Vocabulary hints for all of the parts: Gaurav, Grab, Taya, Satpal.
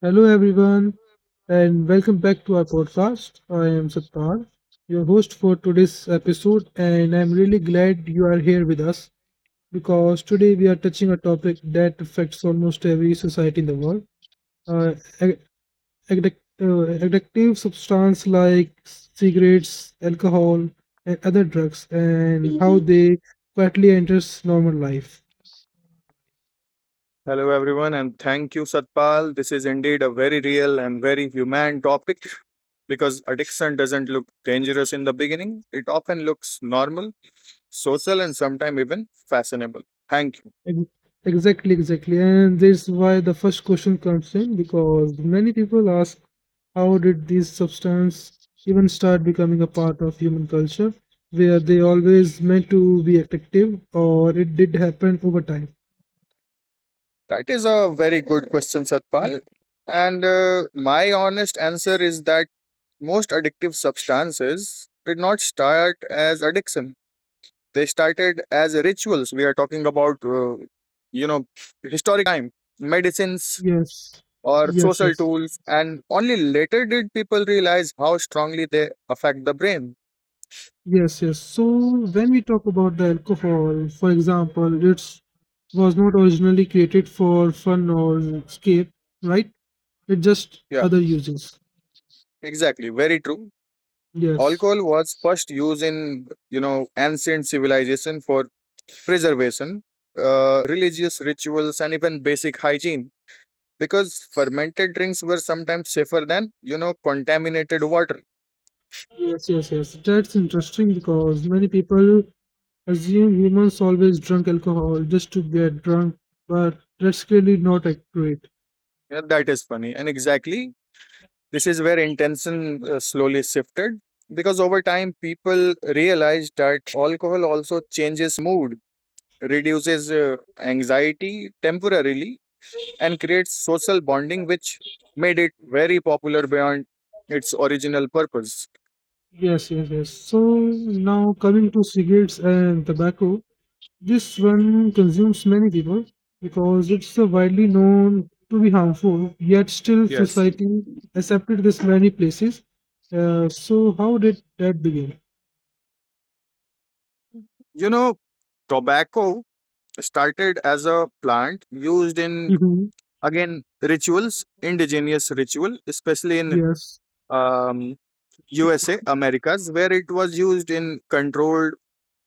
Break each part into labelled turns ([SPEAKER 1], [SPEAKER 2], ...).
[SPEAKER 1] Hello, everyone, and welcome back to our podcast. I am Satpal, your host for today's episode, and I'm really glad you are here with us because today we are touching a topic that affects almost every society in the world. Uh, ad- addictive substance like cigarettes, alcohol, and other drugs, and how they quietly enters normal life.
[SPEAKER 2] Hello, everyone, and thank you, Satpal. This is indeed a very real and very human topic because addiction doesn't look dangerous in the beginning. It often looks normal, social, and sometimes even fashionable. Thank you.
[SPEAKER 1] Ex- exactly. And that's why the first question comes in because many people ask how did these substances even start becoming a part of human culture? Were they always meant to be attractive or it did happen over time?
[SPEAKER 2] That is a very good question, Satpal. And my honest answer is that most addictive substances did not start as addiction. They started as rituals. We are talking about, you know, historic time medicines
[SPEAKER 1] Yes,
[SPEAKER 2] or
[SPEAKER 1] yes,
[SPEAKER 2] social
[SPEAKER 1] yes,
[SPEAKER 2] tools, and only later did people realize how strongly they affect the brain.
[SPEAKER 1] yes. So when we talk about the alcohol, for example, it was not originally created for fun or escape, right? It just
[SPEAKER 2] Yeah,
[SPEAKER 1] other uses.
[SPEAKER 2] exactly. Very true.
[SPEAKER 1] Yes.
[SPEAKER 2] Alcohol was first used in ancient civilization for preservation, religious rituals, and even basic hygiene. Because fermented drinks were sometimes safer than contaminated water.
[SPEAKER 1] Yes. That's interesting because many people assume humans always drink alcohol just to get drunk, but that's clearly not accurate.
[SPEAKER 2] Yeah, that is funny. And exactly. This is where intention slowly shifted because over time people realized that alcohol also changes mood, reduces anxiety temporarily, and creates social bonding, which made it very popular beyond its original purpose.
[SPEAKER 1] Yes. So now coming to cigarettes and tobacco, this one consumes many people because it's widely known to be harmful, yet still
[SPEAKER 2] Yes.
[SPEAKER 1] society accepted this many places. So how did that begin?
[SPEAKER 2] You know, Tobacco started as a plant used in
[SPEAKER 1] hmm
[SPEAKER 2] again rituals indigenous ritual especially in
[SPEAKER 1] Yes.
[SPEAKER 2] um, USA, Americas, where it was used in controlled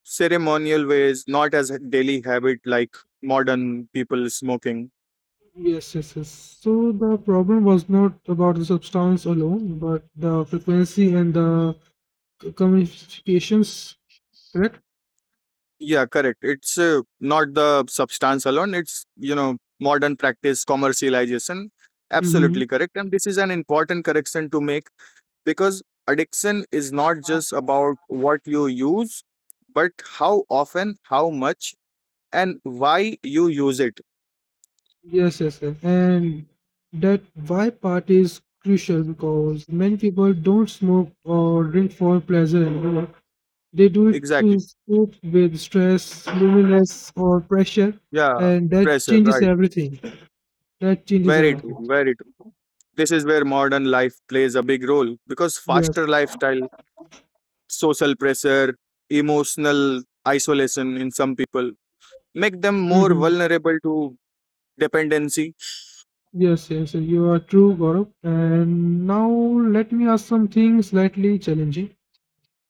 [SPEAKER 2] ceremonial ways, not as a daily habit like modern people smoking.
[SPEAKER 1] Yes. So the problem was not about the substance alone, but the frequency and the communications, correct?
[SPEAKER 2] Yeah, correct. It's not the substance alone, it's, modern practice, commercialization. Absolutely
[SPEAKER 1] Mm-hmm.
[SPEAKER 2] correct. And this is an important correction to make because addiction is not just about what you use, but how often, how much, and why you use it.
[SPEAKER 1] Yes. And that why part is crucial because many people don't smoke or drink for pleasure anymore. They do it to
[SPEAKER 2] Exactly.
[SPEAKER 1] cope with stress, loneliness, or pressure,
[SPEAKER 2] Yeah,
[SPEAKER 1] and that
[SPEAKER 2] pressure,
[SPEAKER 1] changes
[SPEAKER 2] right.
[SPEAKER 1] everything. That changes
[SPEAKER 2] Very
[SPEAKER 1] everything.
[SPEAKER 2] true, very true. This is where modern life plays a big role because faster
[SPEAKER 1] Yes.
[SPEAKER 2] lifestyle, social pressure, emotional isolation in some people make them more vulnerable to dependency.
[SPEAKER 1] Yes, you are true, Gaurav. And now let me ask something slightly challenging.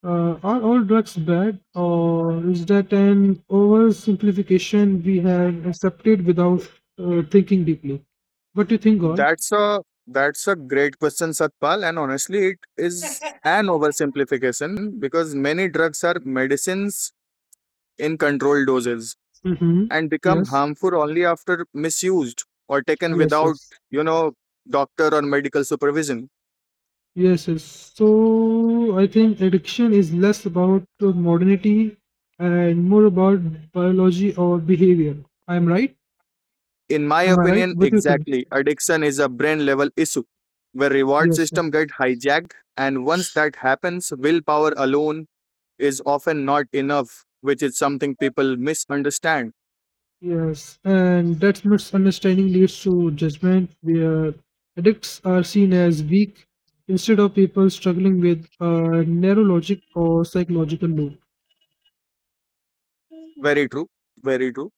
[SPEAKER 1] Are all drugs bad, or is that an oversimplification we have accepted without thinking deeply? What do you think, Gaurav?
[SPEAKER 2] That's a that's a great question, Satpal, and honestly, it is an oversimplification because many drugs are medicines in controlled doses
[SPEAKER 1] Mm-hmm.
[SPEAKER 2] and become
[SPEAKER 1] Yes,
[SPEAKER 2] harmful only after misused or taken
[SPEAKER 1] yes,
[SPEAKER 2] without,
[SPEAKER 1] yes,
[SPEAKER 2] you know, doctor or medical supervision.
[SPEAKER 1] yes. So I think addiction is less about modernity and more about biology or behavior. I'm right?
[SPEAKER 2] In my
[SPEAKER 1] Am I right?
[SPEAKER 2] opinion,
[SPEAKER 1] What do you think?
[SPEAKER 2] exactly. Addiction is a brain level issue where reward
[SPEAKER 1] Yes, yeah.
[SPEAKER 2] system get hijacked, and once that happens, willpower alone is often not enough, which is something people misunderstand.
[SPEAKER 1] Yes, and that misunderstanding leads to judgment where addicts are seen as weak instead of people struggling with a narrow logic or psychological loop.
[SPEAKER 2] Very true. Very true.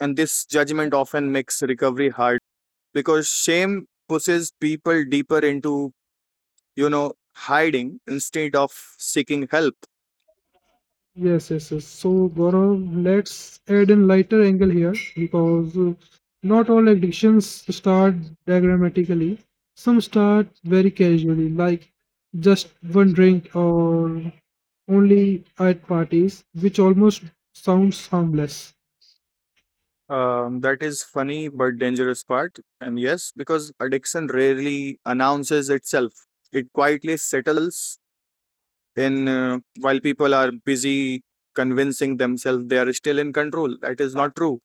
[SPEAKER 2] And this judgment often makes recovery harder because shame pushes people deeper into, hiding instead of seeking help.
[SPEAKER 1] Yes. So, Gaurav, let's add a lighter angle here because not all addictions start diagrammatically. Some start very casually, like just one drink or only at parties, which almost sounds harmless.
[SPEAKER 2] That is funny but dangerous part. And yes, because addiction rarely announces itself. It quietly settles in while people are busy convincing themselves they are still in control. That is not true.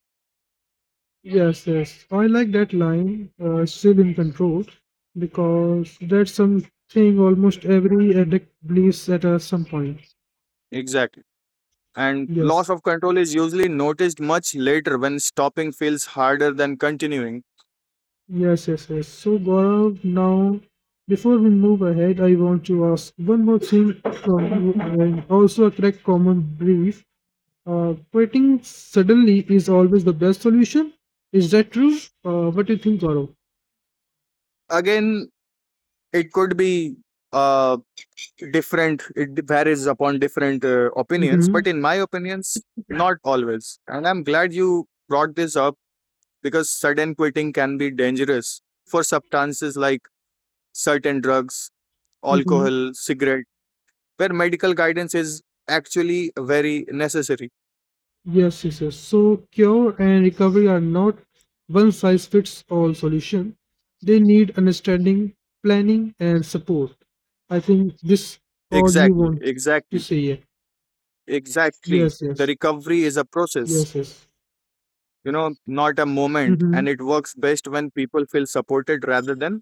[SPEAKER 1] Yes. I like that line, still in control, because that's something almost every addict believes at some point.
[SPEAKER 2] Exactly. And loss
[SPEAKER 1] Yes,
[SPEAKER 2] of control is usually noticed much later when stopping feels harder than continuing.
[SPEAKER 1] yes. So, Gaurav, now before we move ahead, I want to ask one more thing from you and also a correct common brief. Quitting suddenly is always the best solution. Is that true? What do you think, Gaurav?
[SPEAKER 2] Again, it could be a different it varies upon different opinions,
[SPEAKER 1] Mm-hmm.
[SPEAKER 2] but in my opinions not always, and I'm glad you brought this up because sudden quitting can be dangerous for substances like certain drugs,
[SPEAKER 1] mm-hmm.
[SPEAKER 2] alcohol, cigarette, where medical guidance is actually very necessary.
[SPEAKER 1] Yes. So, cure and recovery are not one size fits all solution. They need understanding, planning, and support. I think this all you
[SPEAKER 2] Exactly.
[SPEAKER 1] want to
[SPEAKER 2] Exactly.
[SPEAKER 1] say. Yeah.
[SPEAKER 2] Exactly.
[SPEAKER 1] Yes,
[SPEAKER 2] The
[SPEAKER 1] yes,
[SPEAKER 2] recovery is a process,
[SPEAKER 1] yes.
[SPEAKER 2] not a moment,
[SPEAKER 1] Mm-hmm.
[SPEAKER 2] and it works best when people feel supported rather than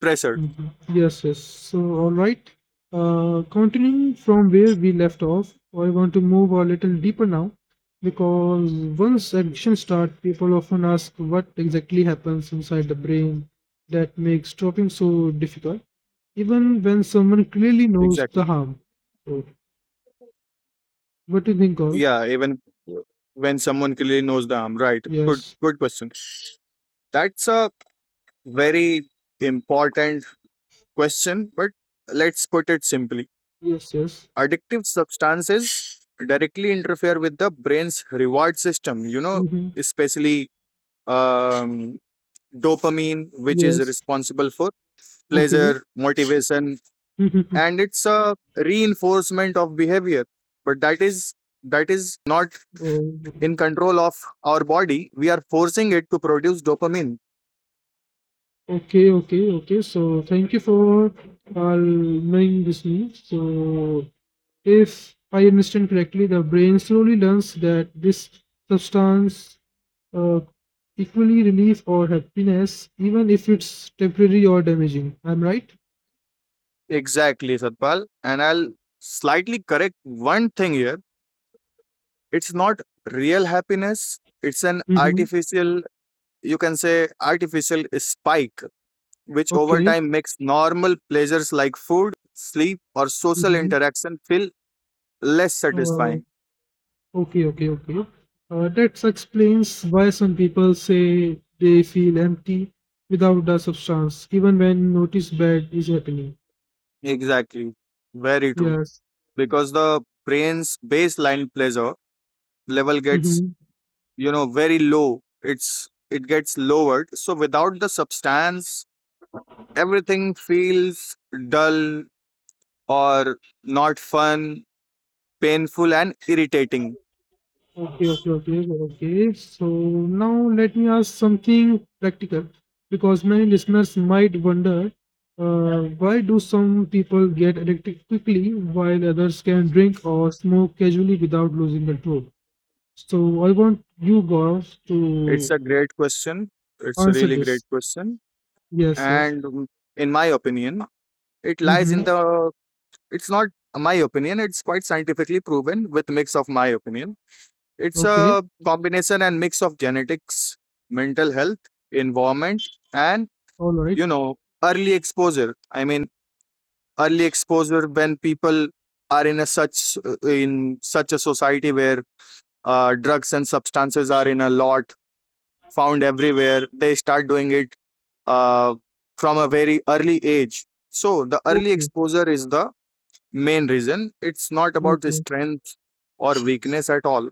[SPEAKER 2] pressured.
[SPEAKER 1] Mhm. Yes. So, all right. Continuing from where we left off, I want to move a little deeper now because once addiction starts, people often ask what exactly happens inside the brain that makes stopping so difficult, even when someone clearly knows the
[SPEAKER 2] Exactly.
[SPEAKER 1] harm. So, what do you think, Gaurav?
[SPEAKER 2] Yeah, even when someone clearly knows the harm, right? Good,
[SPEAKER 1] Yes,
[SPEAKER 2] good question. That's a very important question, but let's put it simply.
[SPEAKER 1] yes.
[SPEAKER 2] Addictive substances directly interfere with the brain's reward system,
[SPEAKER 1] hmm
[SPEAKER 2] especially um, dopamine, which is
[SPEAKER 1] Yes.
[SPEAKER 2] responsible for
[SPEAKER 1] Okay.
[SPEAKER 2] pleasure, motivation, and it's a reinforcement of behavior. But that is not
[SPEAKER 1] oh,
[SPEAKER 2] in control of our body, we are forcing it to produce dopamine.
[SPEAKER 1] Okay. So thank you for knowing this news. So if I understand correctly, the brain slowly learns that this substance uh, equally relief or happiness, even if it's temporary or damaging. I'm right?
[SPEAKER 2] Exactly, Satpal. And I'll slightly correct one thing here. It's not real happiness, it's an
[SPEAKER 1] Mm-hmm.
[SPEAKER 2] artificial, you can say, artificial spike, which over
[SPEAKER 1] Okay.
[SPEAKER 2] time makes normal pleasures like food, sleep, or social
[SPEAKER 1] Mm-hmm.
[SPEAKER 2] interaction feel less
[SPEAKER 1] Uh,
[SPEAKER 2] satisfying.
[SPEAKER 1] okay. That explains why some people say they feel empty without the substance, even when notice bad is happening.
[SPEAKER 2] Exactly. Very true.
[SPEAKER 1] Yes.
[SPEAKER 2] Because the brain's baseline pleasure level gets
[SPEAKER 1] Mm-hmm.
[SPEAKER 2] very low. It gets lowered, so without the substance everything feels dull or not fun, painful and irritating.
[SPEAKER 1] Okay. So now let me ask something practical because many listeners might wonder why do some people get addicted quickly while others can drink or smoke casually without losing control? So I want you guys
[SPEAKER 2] it's
[SPEAKER 1] to
[SPEAKER 2] a great question it's a
[SPEAKER 1] answer
[SPEAKER 2] really great
[SPEAKER 1] this.
[SPEAKER 2] question.
[SPEAKER 1] Yes.
[SPEAKER 2] And in my opinion it lies in
[SPEAKER 1] Mm-hmm.
[SPEAKER 2] the it's not my opinion, it's quite scientifically proven with mix of my opinion. It's
[SPEAKER 1] Okay.
[SPEAKER 2] a combination and mix of genetics, mental health, environment, and
[SPEAKER 1] All right.
[SPEAKER 2] you know early exposure. I mean early exposure when people are in such a society where drugs and substances are in a lot found everywhere, they start doing it uh, from a very early age, so the early
[SPEAKER 1] Okay.
[SPEAKER 2] exposure is the main reason. It's not about the
[SPEAKER 1] Okay.
[SPEAKER 2] strength or weakness at all.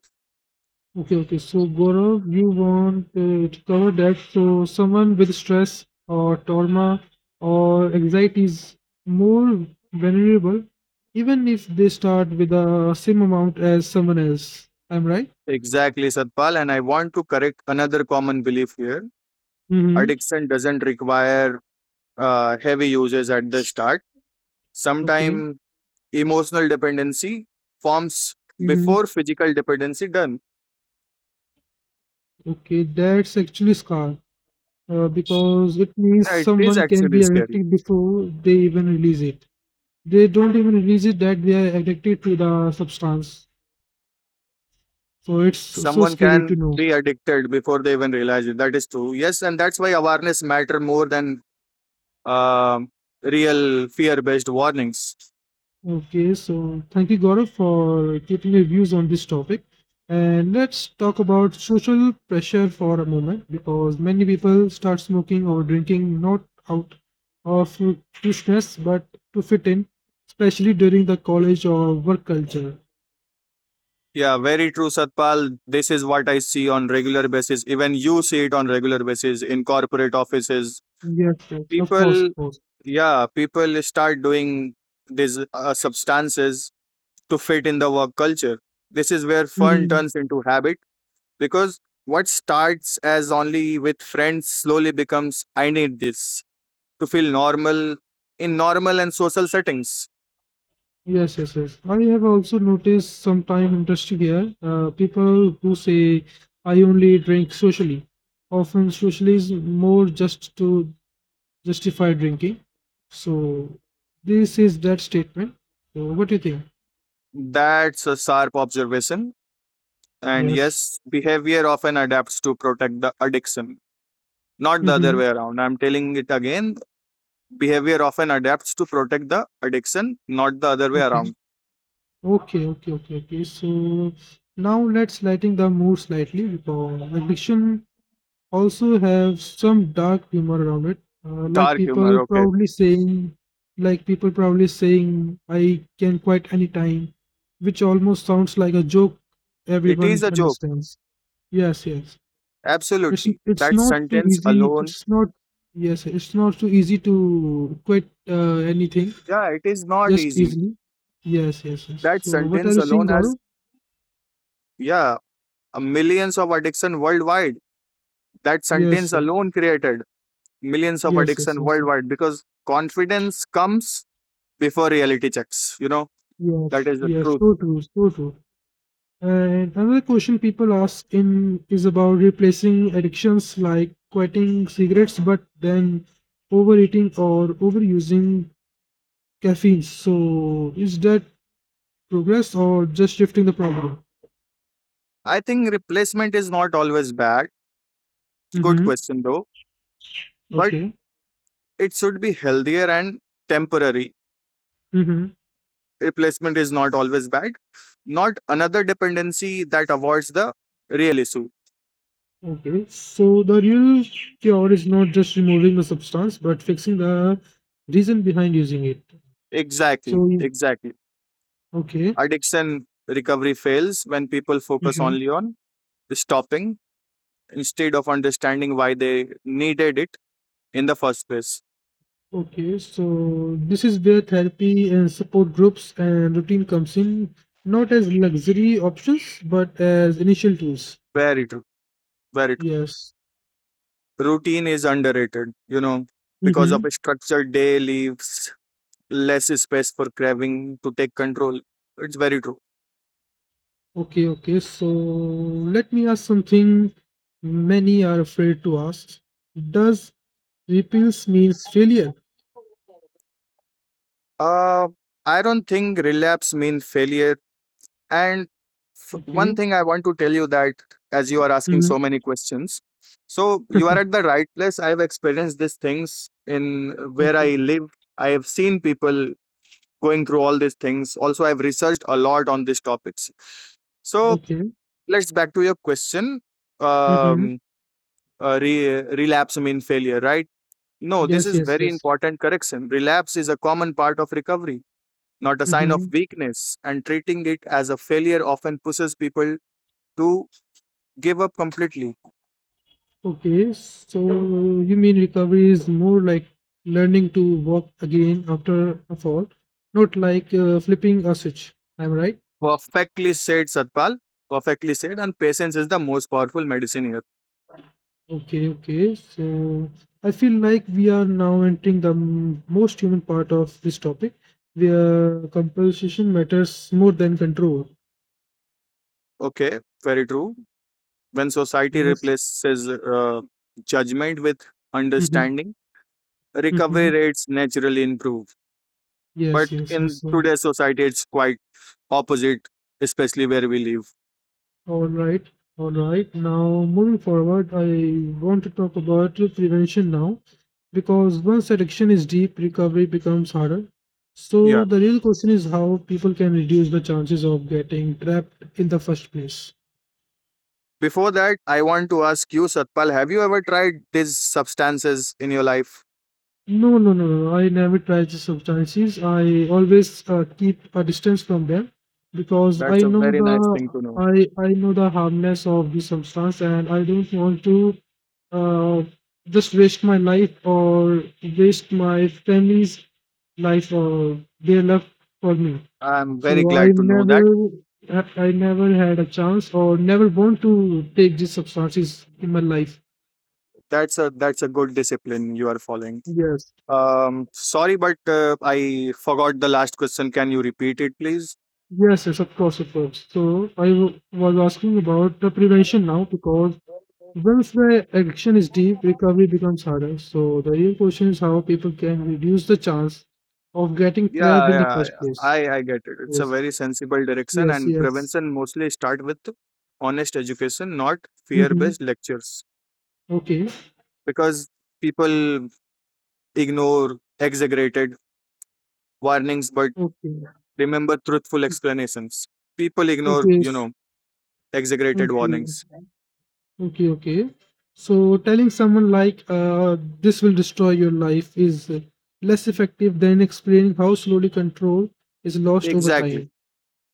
[SPEAKER 1] Okay. okay. So, Gaurav, you want to cover that. So, someone with stress or trauma or anxiety is more vulnerable, even if they start with the same amount as someone else. I'm right?
[SPEAKER 2] Exactly, Satpal. And I want to correct another common belief here.
[SPEAKER 1] Mm-hmm.
[SPEAKER 2] Addiction doesn't require heavy usage at the start.
[SPEAKER 1] Okay.
[SPEAKER 2] Sometime emotional dependency forms
[SPEAKER 1] Mm-hmm.
[SPEAKER 2] before physical dependency done.
[SPEAKER 1] Okay, that's actually scar because it means
[SPEAKER 2] Yeah, it is
[SPEAKER 1] someone can
[SPEAKER 2] actually
[SPEAKER 1] be
[SPEAKER 2] scary.
[SPEAKER 1] addicted before they even release it. They don't even release it that they are addicted to the substance. So, it's so
[SPEAKER 2] Someone
[SPEAKER 1] scary to
[SPEAKER 2] can
[SPEAKER 1] know.
[SPEAKER 2] be addicted before they even realize it. That is true. Yes. And that's why awareness matter more than um real fear based warnings.
[SPEAKER 1] Okay, so thank you, Gaurav, for giving your views on this topic. And let's talk about social pressure for a moment because many people start smoking or drinking not out of foolishness but to fit in, especially during the college or work culture.
[SPEAKER 2] Yeah, very true, Satpal. This is what I see on regular basis. Even you see it on regular basis in corporate offices.
[SPEAKER 1] Yes, of course,
[SPEAKER 2] People,
[SPEAKER 1] of course.
[SPEAKER 2] yeah, people start doing these substances to fit in the work culture. This is where fun
[SPEAKER 1] Mhm.
[SPEAKER 2] turns into habit because what starts as only with friends slowly becomes I need this to feel normal in normal and social settings.
[SPEAKER 1] Yes. I have also noticed sometime industry here, people who say, I only drink socially often socially is more just to justify drinking. So this is that statement. So what do you think?
[SPEAKER 2] That's a sharp observation. And
[SPEAKER 1] Yes.
[SPEAKER 2] yes, behavior often adapts to protect the addiction, not the other
[SPEAKER 1] Mm-hmm.
[SPEAKER 2] way around. I'm telling it again, behavior often adapts to protect the addiction, not the other way
[SPEAKER 1] Okay.
[SPEAKER 2] around.
[SPEAKER 1] Okay. Okay. Okay. Okay. So now let's lighten the mood slightly because addiction also have some dark humor around it. Like
[SPEAKER 2] Dark humor,
[SPEAKER 1] people
[SPEAKER 2] okay.
[SPEAKER 1] proudly saying, I can quit anytime, which almost sounds like a joke
[SPEAKER 2] It
[SPEAKER 1] everyone
[SPEAKER 2] is a joke,
[SPEAKER 1] understands. Yes. It's
[SPEAKER 2] absolutely.
[SPEAKER 1] it's
[SPEAKER 2] That
[SPEAKER 1] not too
[SPEAKER 2] sentence
[SPEAKER 1] easy.
[SPEAKER 2] alone
[SPEAKER 1] It's not yes. It's not too easy to quit anything
[SPEAKER 2] Yeah, it is not
[SPEAKER 1] just
[SPEAKER 2] easy.
[SPEAKER 1] easily. Yes.
[SPEAKER 2] That
[SPEAKER 1] So what are
[SPEAKER 2] sentence
[SPEAKER 1] you saying,
[SPEAKER 2] alone has,
[SPEAKER 1] Gaurav?
[SPEAKER 2] yeah, millions of addiction worldwide. That
[SPEAKER 1] Yes,
[SPEAKER 2] sentence
[SPEAKER 1] sir.
[SPEAKER 2] alone created millions of
[SPEAKER 1] yes, yes,
[SPEAKER 2] addiction
[SPEAKER 1] yes, yes,
[SPEAKER 2] worldwide because confidence comes before reality checks. You know, that
[SPEAKER 1] yes.
[SPEAKER 2] is the
[SPEAKER 1] yes,
[SPEAKER 2] truth.
[SPEAKER 1] So true, so true. And another question people ask in is about replacing addictions like quitting cigarettes, but then overeating or overusing caffeine. So is that progress or just shifting the problem?
[SPEAKER 2] I think replacement is not always bad. Good
[SPEAKER 1] Mm-hmm.
[SPEAKER 2] question, though. But
[SPEAKER 1] Okay.
[SPEAKER 2] it should be healthier and temporary.
[SPEAKER 1] Mm-hmm.
[SPEAKER 2] Replacement is not always bad. Not another dependency that avoids the real issue.
[SPEAKER 1] Okay, so the real cure is not just removing the substance, but fixing the reason behind using it.
[SPEAKER 2] Exactly.
[SPEAKER 1] So,
[SPEAKER 2] Exactly.
[SPEAKER 1] okay,
[SPEAKER 2] Addiction recovery fails when people focus
[SPEAKER 1] hmm
[SPEAKER 2] only on stopping instead of understanding why they needed it in the first place.
[SPEAKER 1] okay, so this is where therapy and support groups and routine comes in, not as luxury options, but as initial tools.
[SPEAKER 2] Very true. Very true.
[SPEAKER 1] Yes.
[SPEAKER 2] Routine is underrated, because of
[SPEAKER 1] Mm-hmm.
[SPEAKER 2] a structured day leaves less space for craving to take control. It's very true.
[SPEAKER 1] Okay, okay, so let me ask something many are afraid to ask. Does repels means failure?
[SPEAKER 2] Uh, I don't think relapse means failure. And one
[SPEAKER 1] Okay.
[SPEAKER 2] thing I want to tell you that as you are asking
[SPEAKER 1] hmm
[SPEAKER 2] so many questions, so you are at the right place. I've experienced these things in where
[SPEAKER 1] Okay.
[SPEAKER 2] I live. I have seen people going through all these things. Also, I've researched a lot on these topics. So
[SPEAKER 1] Okay.
[SPEAKER 2] let's back to your question.
[SPEAKER 1] Mm-hmm.
[SPEAKER 2] Um, Relapse mean failure, right? No, this
[SPEAKER 1] Yes,
[SPEAKER 2] is
[SPEAKER 1] yes,
[SPEAKER 2] very
[SPEAKER 1] yes.
[SPEAKER 2] important correction. Relapse is a common part of recovery, not a sign of
[SPEAKER 1] Mm-hmm.
[SPEAKER 2] weakness, and treating it as a failure often pushes people to give up completely.
[SPEAKER 1] Okay. So you mean recovery is more like learning to walk again after a fall, not like flipping a switch. I'm right.
[SPEAKER 2] Perfectly said, Satpal. Perfectly said. And patience is the most powerful medicine here.
[SPEAKER 1] Okay. So I feel like we are now entering the most human part of this topic, where compensation matters more than control.
[SPEAKER 2] Okay, very true. When society
[SPEAKER 1] Yes.
[SPEAKER 2] replaces judgment with
[SPEAKER 1] Mm-hmm.
[SPEAKER 2] understanding,
[SPEAKER 1] Mm-hmm.
[SPEAKER 2] recovery rates naturally improve. But
[SPEAKER 1] Yes, yes,
[SPEAKER 2] in
[SPEAKER 1] yes.
[SPEAKER 2] today's society, it's quite opposite, especially where we live.
[SPEAKER 1] All right, all right. Now, moving forward, I want to talk about prevention now because once addiction is deep, recovery becomes harder. So,
[SPEAKER 2] Yeah.
[SPEAKER 1] the real question is how people can reduce the chances of getting trapped in the first place.
[SPEAKER 2] Before that, I want to ask you, Satpal, have you ever tried these substances in your life?
[SPEAKER 1] No. no. I never try the substances. I always keep a distance from them because
[SPEAKER 2] That's a very nice thing to know.
[SPEAKER 1] I know the harmness of the substance, and I don't want to uh, just waste my life or waste my family's life or their love for me.
[SPEAKER 2] I'm
[SPEAKER 1] So
[SPEAKER 2] very
[SPEAKER 1] I
[SPEAKER 2] glad to know
[SPEAKER 1] never
[SPEAKER 2] that.
[SPEAKER 1] I I never had a chance or never want to take these substances in my life.
[SPEAKER 2] That's a good discipline you are following.
[SPEAKER 1] Yes.
[SPEAKER 2] Sorry, but I forgot the last question. Can you repeat it, please?
[SPEAKER 1] Yes, of course, of course. So I was asking about the prevention now because once the addiction is deep, recovery becomes harder. So the real question is how people can reduce the chance of getting trapped
[SPEAKER 2] Yeah,
[SPEAKER 1] in the
[SPEAKER 2] yeah,
[SPEAKER 1] first
[SPEAKER 2] yeah.
[SPEAKER 1] place.
[SPEAKER 2] I get it. It's a
[SPEAKER 1] Yes,
[SPEAKER 2] very sensible direction,
[SPEAKER 1] yes,
[SPEAKER 2] and
[SPEAKER 1] yes.
[SPEAKER 2] prevention mostly start with honest education, not
[SPEAKER 1] hmm
[SPEAKER 2] fear-based lectures,
[SPEAKER 1] Okay,
[SPEAKER 2] because people ignore exaggerated warnings, but
[SPEAKER 1] okay,
[SPEAKER 2] remember truthful explanations. People ignore,
[SPEAKER 1] okay, s-
[SPEAKER 2] exaggerated warnings.
[SPEAKER 1] okay, okay. So telling someone like this will destroy your life is less effective than explaining how slowly control is lost over
[SPEAKER 2] Exactly
[SPEAKER 1] time.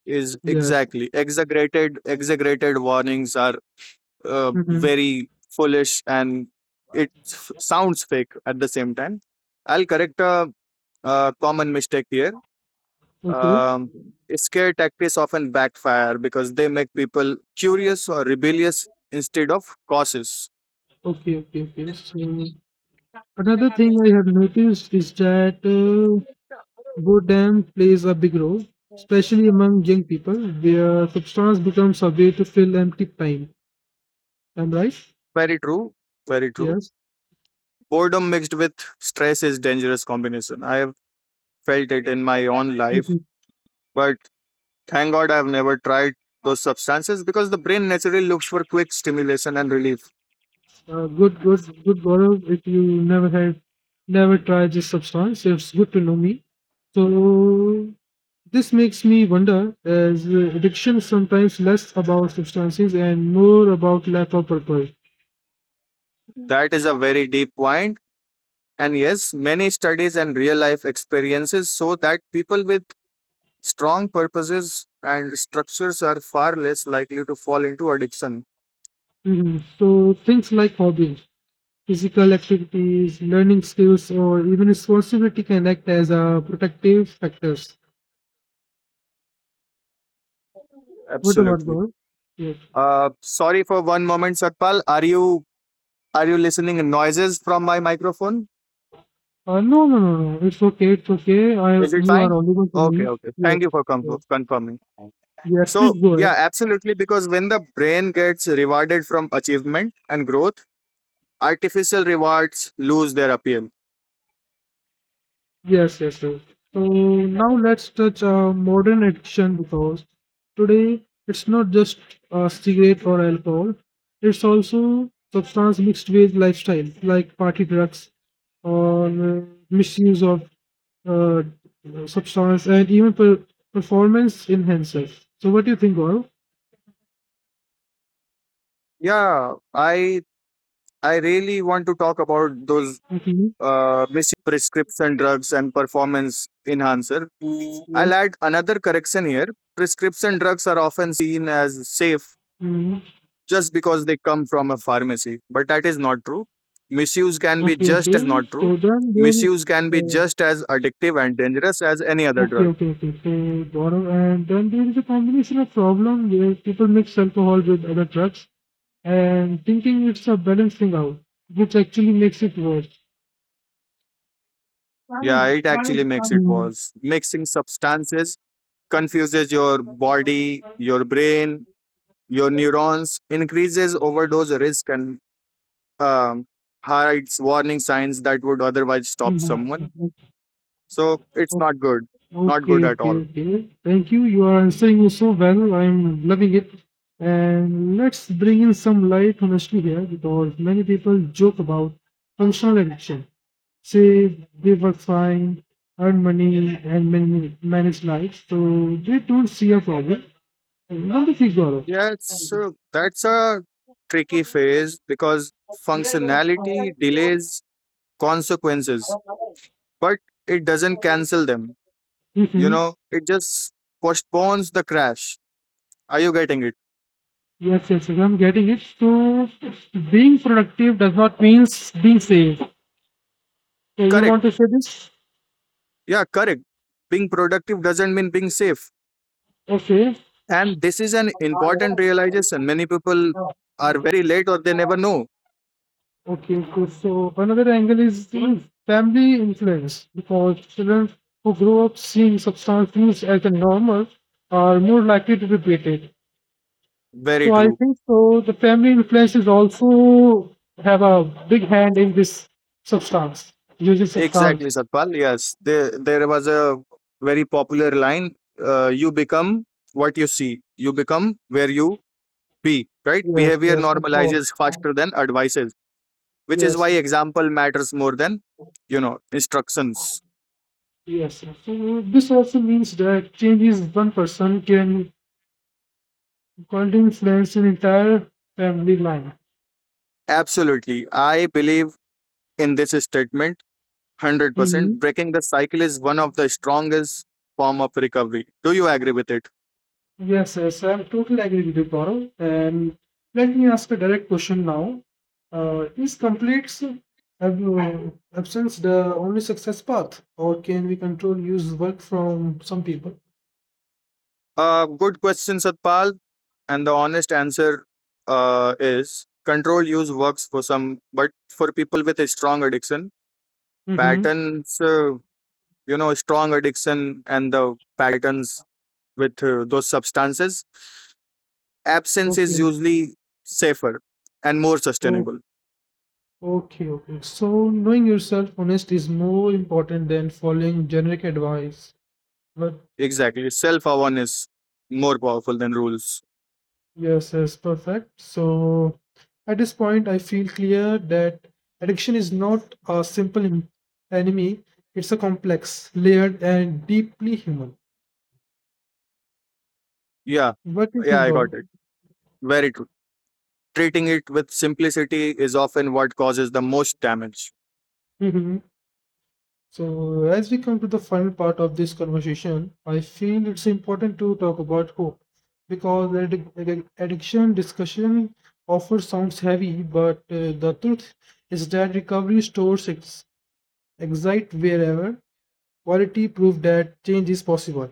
[SPEAKER 2] is
[SPEAKER 1] Yes.
[SPEAKER 2] exactly exaggerated warnings are
[SPEAKER 1] Mhm.
[SPEAKER 2] very foolish and it sounds fake at the same time. I'll correct a common mistake here.
[SPEAKER 1] Okay.
[SPEAKER 2] Um, Scare tactics often backfire because they make people curious or rebellious instead of cautious.
[SPEAKER 1] Okay. Okay. Okay. So another thing I have noticed is that boredom plays a big role, especially among young people, where substance becomes a way to fill empty time. Am I right?
[SPEAKER 2] Very true. Very true.
[SPEAKER 1] Yes.
[SPEAKER 2] Boredom mixed with stress is dangerous combination. I have felt it in my own life,
[SPEAKER 1] hmm
[SPEAKER 2] but thank God I've never tried those substances because the brain naturally looks for quick stimulation and relief.
[SPEAKER 1] good. Good. Good, Gaurav. If you never had, never tried this substance, it's good to know me. So this makes me wonder, as addiction is sometimes less about substances and more about lack of purpose.
[SPEAKER 2] That is a very deep point. And yes, many studies and real life experiences show that people with strong purposes and structures are far less likely to fall into addiction.
[SPEAKER 1] Mhm. So things like hobbies, physical activities, learning skills, or even responsibility can act as a protective factors. What about
[SPEAKER 2] Absolutely.
[SPEAKER 1] God? Yes.
[SPEAKER 2] Sorry for one moment, Satpal. Are you listening noises from my microphone?
[SPEAKER 1] No. It's okay. It's okay.
[SPEAKER 2] Is it
[SPEAKER 1] You are
[SPEAKER 2] fine?
[SPEAKER 1] audible to
[SPEAKER 2] Okay,
[SPEAKER 1] me.
[SPEAKER 2] okay.
[SPEAKER 1] Yes.
[SPEAKER 2] Thank you for
[SPEAKER 1] Yes.
[SPEAKER 2] confirming.
[SPEAKER 1] Yes. Please
[SPEAKER 2] So
[SPEAKER 1] go ahead.
[SPEAKER 2] yeah, absolutely. Because when the brain gets rewarded from achievement and growth, artificial rewards lose their appeal.
[SPEAKER 1] Yes. Yes. Yes. So now let's touch modern addiction because today it's not just cigarette or alcohol. It's also substance mixed with lifestyle like party drugs or misuse of uh, substance and even performance enhancers. So, what do you think, Gaurav?
[SPEAKER 2] Yeah, I really want to talk about those
[SPEAKER 1] Okay,
[SPEAKER 2] misuse of prescription drugs and performance enhancer. I'll
[SPEAKER 1] yes.
[SPEAKER 2] add another correction here. Prescription drugs are often seen as safe
[SPEAKER 1] Mm,
[SPEAKER 2] just because they come from a pharmacy, but that is not true.
[SPEAKER 1] okay. So then there,
[SPEAKER 2] Misuse can be
[SPEAKER 1] uh,
[SPEAKER 2] just as addictive and dangerous as any other
[SPEAKER 1] okay,
[SPEAKER 2] drug.
[SPEAKER 1] okay, okay. So Gaurav, and then there is a combination of problem where people mix alcohol with other drugs and thinking it's a balancing out, which actually makes it worse.
[SPEAKER 2] Yeah, it actually makes it worse. Mixing substances confuses your body, your brain, your neurons, increases overdose risk, and um, hides warning signs that would otherwise stop
[SPEAKER 1] Mhm.
[SPEAKER 2] someone. So it's
[SPEAKER 1] Mhm.
[SPEAKER 2] not good, not
[SPEAKER 1] Okay,
[SPEAKER 2] good at
[SPEAKER 1] okay,
[SPEAKER 2] all.
[SPEAKER 1] okay. Thank you. You are answering me so well. I'm loving it. And let's bring in some light honestly here because many people joke about functional addiction. Say they work fine, earn money, and manage life. So they don't see a problem. What do you think, Gaurav?
[SPEAKER 2] Yeah, it's that's a tricky phase because functionality delays consequences, but it doesn't cancel them. You
[SPEAKER 1] Mm-hmm.
[SPEAKER 2] know, it just postpones the crash. Are you getting it?
[SPEAKER 1] Yes, I'm getting it. So being productive does not mean being safe. So you
[SPEAKER 2] Correct.
[SPEAKER 1] want to say this?
[SPEAKER 2] Yeah, correct. Being productive doesn't mean being safe.
[SPEAKER 1] Okay.
[SPEAKER 2] And this is an important realization. Many people are very late or they never know.
[SPEAKER 1] Okay, good. So another angle is the family influence because children who grow up seeing substance use as a normal are more likely to repeat it.
[SPEAKER 2] Very
[SPEAKER 1] So I
[SPEAKER 2] true.
[SPEAKER 1] think so the family influence is also have a big hand in this substance, using substance.
[SPEAKER 2] Exactly, Satpal. Yes, there was a very popular line. You become what you see. You become where you be. Right?
[SPEAKER 1] Yes,
[SPEAKER 2] Behavior
[SPEAKER 1] yes, of course.
[SPEAKER 2] normalizes faster than advices, which is
[SPEAKER 1] Yes,
[SPEAKER 2] why example matters more than instructions.
[SPEAKER 1] yes. yes. So this also means that changes one person can Golding flares an entire family line.
[SPEAKER 2] Absolutely, I believe in this statement 100%.
[SPEAKER 1] hmm
[SPEAKER 2] Breaking the cycle is one of the strongest form of recovery. Do you agree with it?
[SPEAKER 1] yes, I'm totally agree with you, Gaurav. And let me ask a direct question now. Is complete ab- absence the only success path, or can we control use work from some people?
[SPEAKER 2] Good question, Satpal. And the honest answer is controlled use works for some, but for people with a strong addiction,
[SPEAKER 1] hmm
[SPEAKER 2] patterns, strong addiction and the patterns with those substances, absence is
[SPEAKER 1] Okay,
[SPEAKER 2] usually safer and more
[SPEAKER 1] oh,
[SPEAKER 2] sustainable.
[SPEAKER 1] okay. So knowing yourself honest is more important than following generic advice. But
[SPEAKER 2] Exactly. Self awareness more powerful than rules.
[SPEAKER 1] yes, perfect. So at this point, I feel clear that addiction is not a simple enemy, it's a complex, layered, and deeply human.
[SPEAKER 2] Yeah.
[SPEAKER 1] What do you
[SPEAKER 2] Yeah,
[SPEAKER 1] think,
[SPEAKER 2] I got
[SPEAKER 1] Gaurav?
[SPEAKER 2] it. Very true. Treating it with simplicity is often what causes the most damage.
[SPEAKER 1] Mhm. So, as we come to the final part of this conversation, I feel it's important to talk about hope because addiction discussion often sounds heavy, but the truth is that recovery stores its excite wherever Quality proved that change is possible.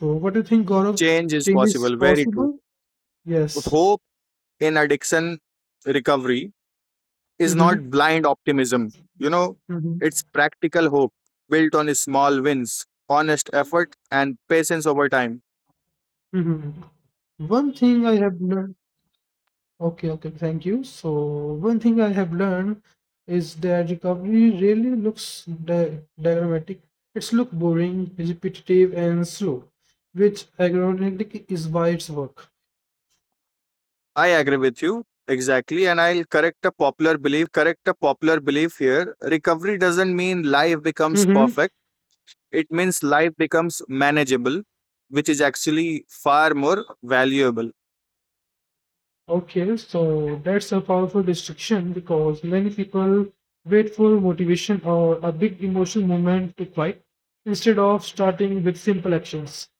[SPEAKER 1] So, what do you think, Gaurav?
[SPEAKER 2] Change is
[SPEAKER 1] Change is
[SPEAKER 2] possible. Very true.
[SPEAKER 1] possible? Yes.
[SPEAKER 2] Hope in addiction recovery is
[SPEAKER 1] Mm-hmm.
[SPEAKER 2] not blind optimism. You know,
[SPEAKER 1] Mm-hmm.
[SPEAKER 2] it's practical hope built on small wins, honest effort, and patience over time.
[SPEAKER 1] Mm-hmm. One thing I have learned. Okay, okay, thank you. So, one thing I have learned is that recovery really looks diagrammatic. It's look boring, repetitive, and slow, which ironically is why it's work.
[SPEAKER 2] I agree with you exactly, and I'll correct a popular belief here. Recovery doesn't mean life becomes
[SPEAKER 1] Mm-hmm.
[SPEAKER 2] perfect, it means life becomes manageable, which is actually far more valuable.
[SPEAKER 1] Okay, so that's a powerful distinction because many people wait for motivation or a big emotional moment to fight instead of starting with simple actions.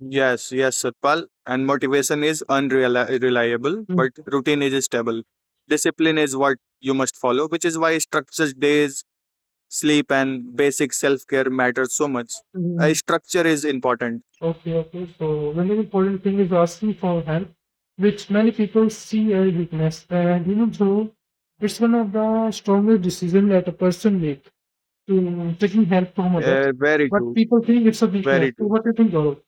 [SPEAKER 2] Yes, yes, Satpal. And motivation is unreliable,
[SPEAKER 1] Mm,
[SPEAKER 2] but routine is stable. Discipline is what you must follow, which is why structured days, sleep, and basic self care matter so much. A
[SPEAKER 1] mm,
[SPEAKER 2] structure is important.
[SPEAKER 1] okay. So another important thing is asking for help, which many people see as weakness. And even though it's one of the strongest decisions that a person make to taking help from others,
[SPEAKER 2] Very
[SPEAKER 1] but
[SPEAKER 2] true.
[SPEAKER 1] people think it's a weakness.
[SPEAKER 2] Very
[SPEAKER 1] So
[SPEAKER 2] true.
[SPEAKER 1] what do you think, Gaurav?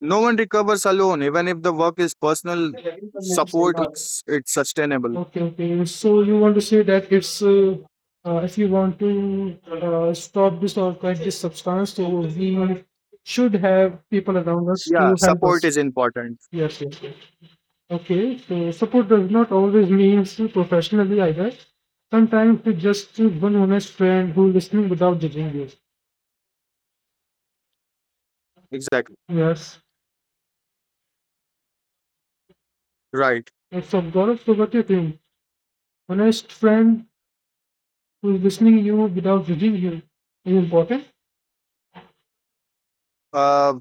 [SPEAKER 2] No one recovers alone, even if the work is personal. Support makes it sustainable.
[SPEAKER 1] Okay. So you want to say that it's if you want to stop this or fight this substance, so we should have people around us to
[SPEAKER 2] Yeah,
[SPEAKER 1] help us.
[SPEAKER 2] support is important.
[SPEAKER 1] Yes. Okay, so support does not always mean professionally either. Sometimes it's just one honest friend who listening without judging you.
[SPEAKER 2] Exactly.
[SPEAKER 1] Yes,
[SPEAKER 2] Right.
[SPEAKER 1] it's of God. So what do you think? Honest friend who's listening you without judging you is important.
[SPEAKER 2] Uh,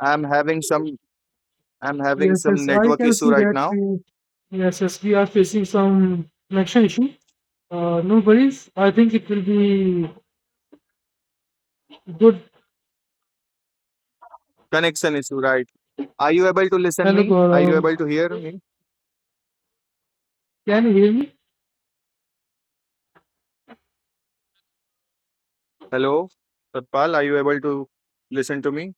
[SPEAKER 2] I'm having some. I'm having
[SPEAKER 1] Yes,
[SPEAKER 2] some
[SPEAKER 1] yes, I
[SPEAKER 2] network
[SPEAKER 1] can
[SPEAKER 2] issue
[SPEAKER 1] see
[SPEAKER 2] right
[SPEAKER 1] that
[SPEAKER 2] now.
[SPEAKER 1] yes, we are facing some connection issue. No worries. I think it will be good.
[SPEAKER 2] Connection issue, right? Are you able to listen
[SPEAKER 1] Hello,
[SPEAKER 2] me? Are you able to
[SPEAKER 1] Gaurav.
[SPEAKER 2] hear me?
[SPEAKER 1] Can you hear me?
[SPEAKER 2] Hello, Satpal, are you able to listen to me?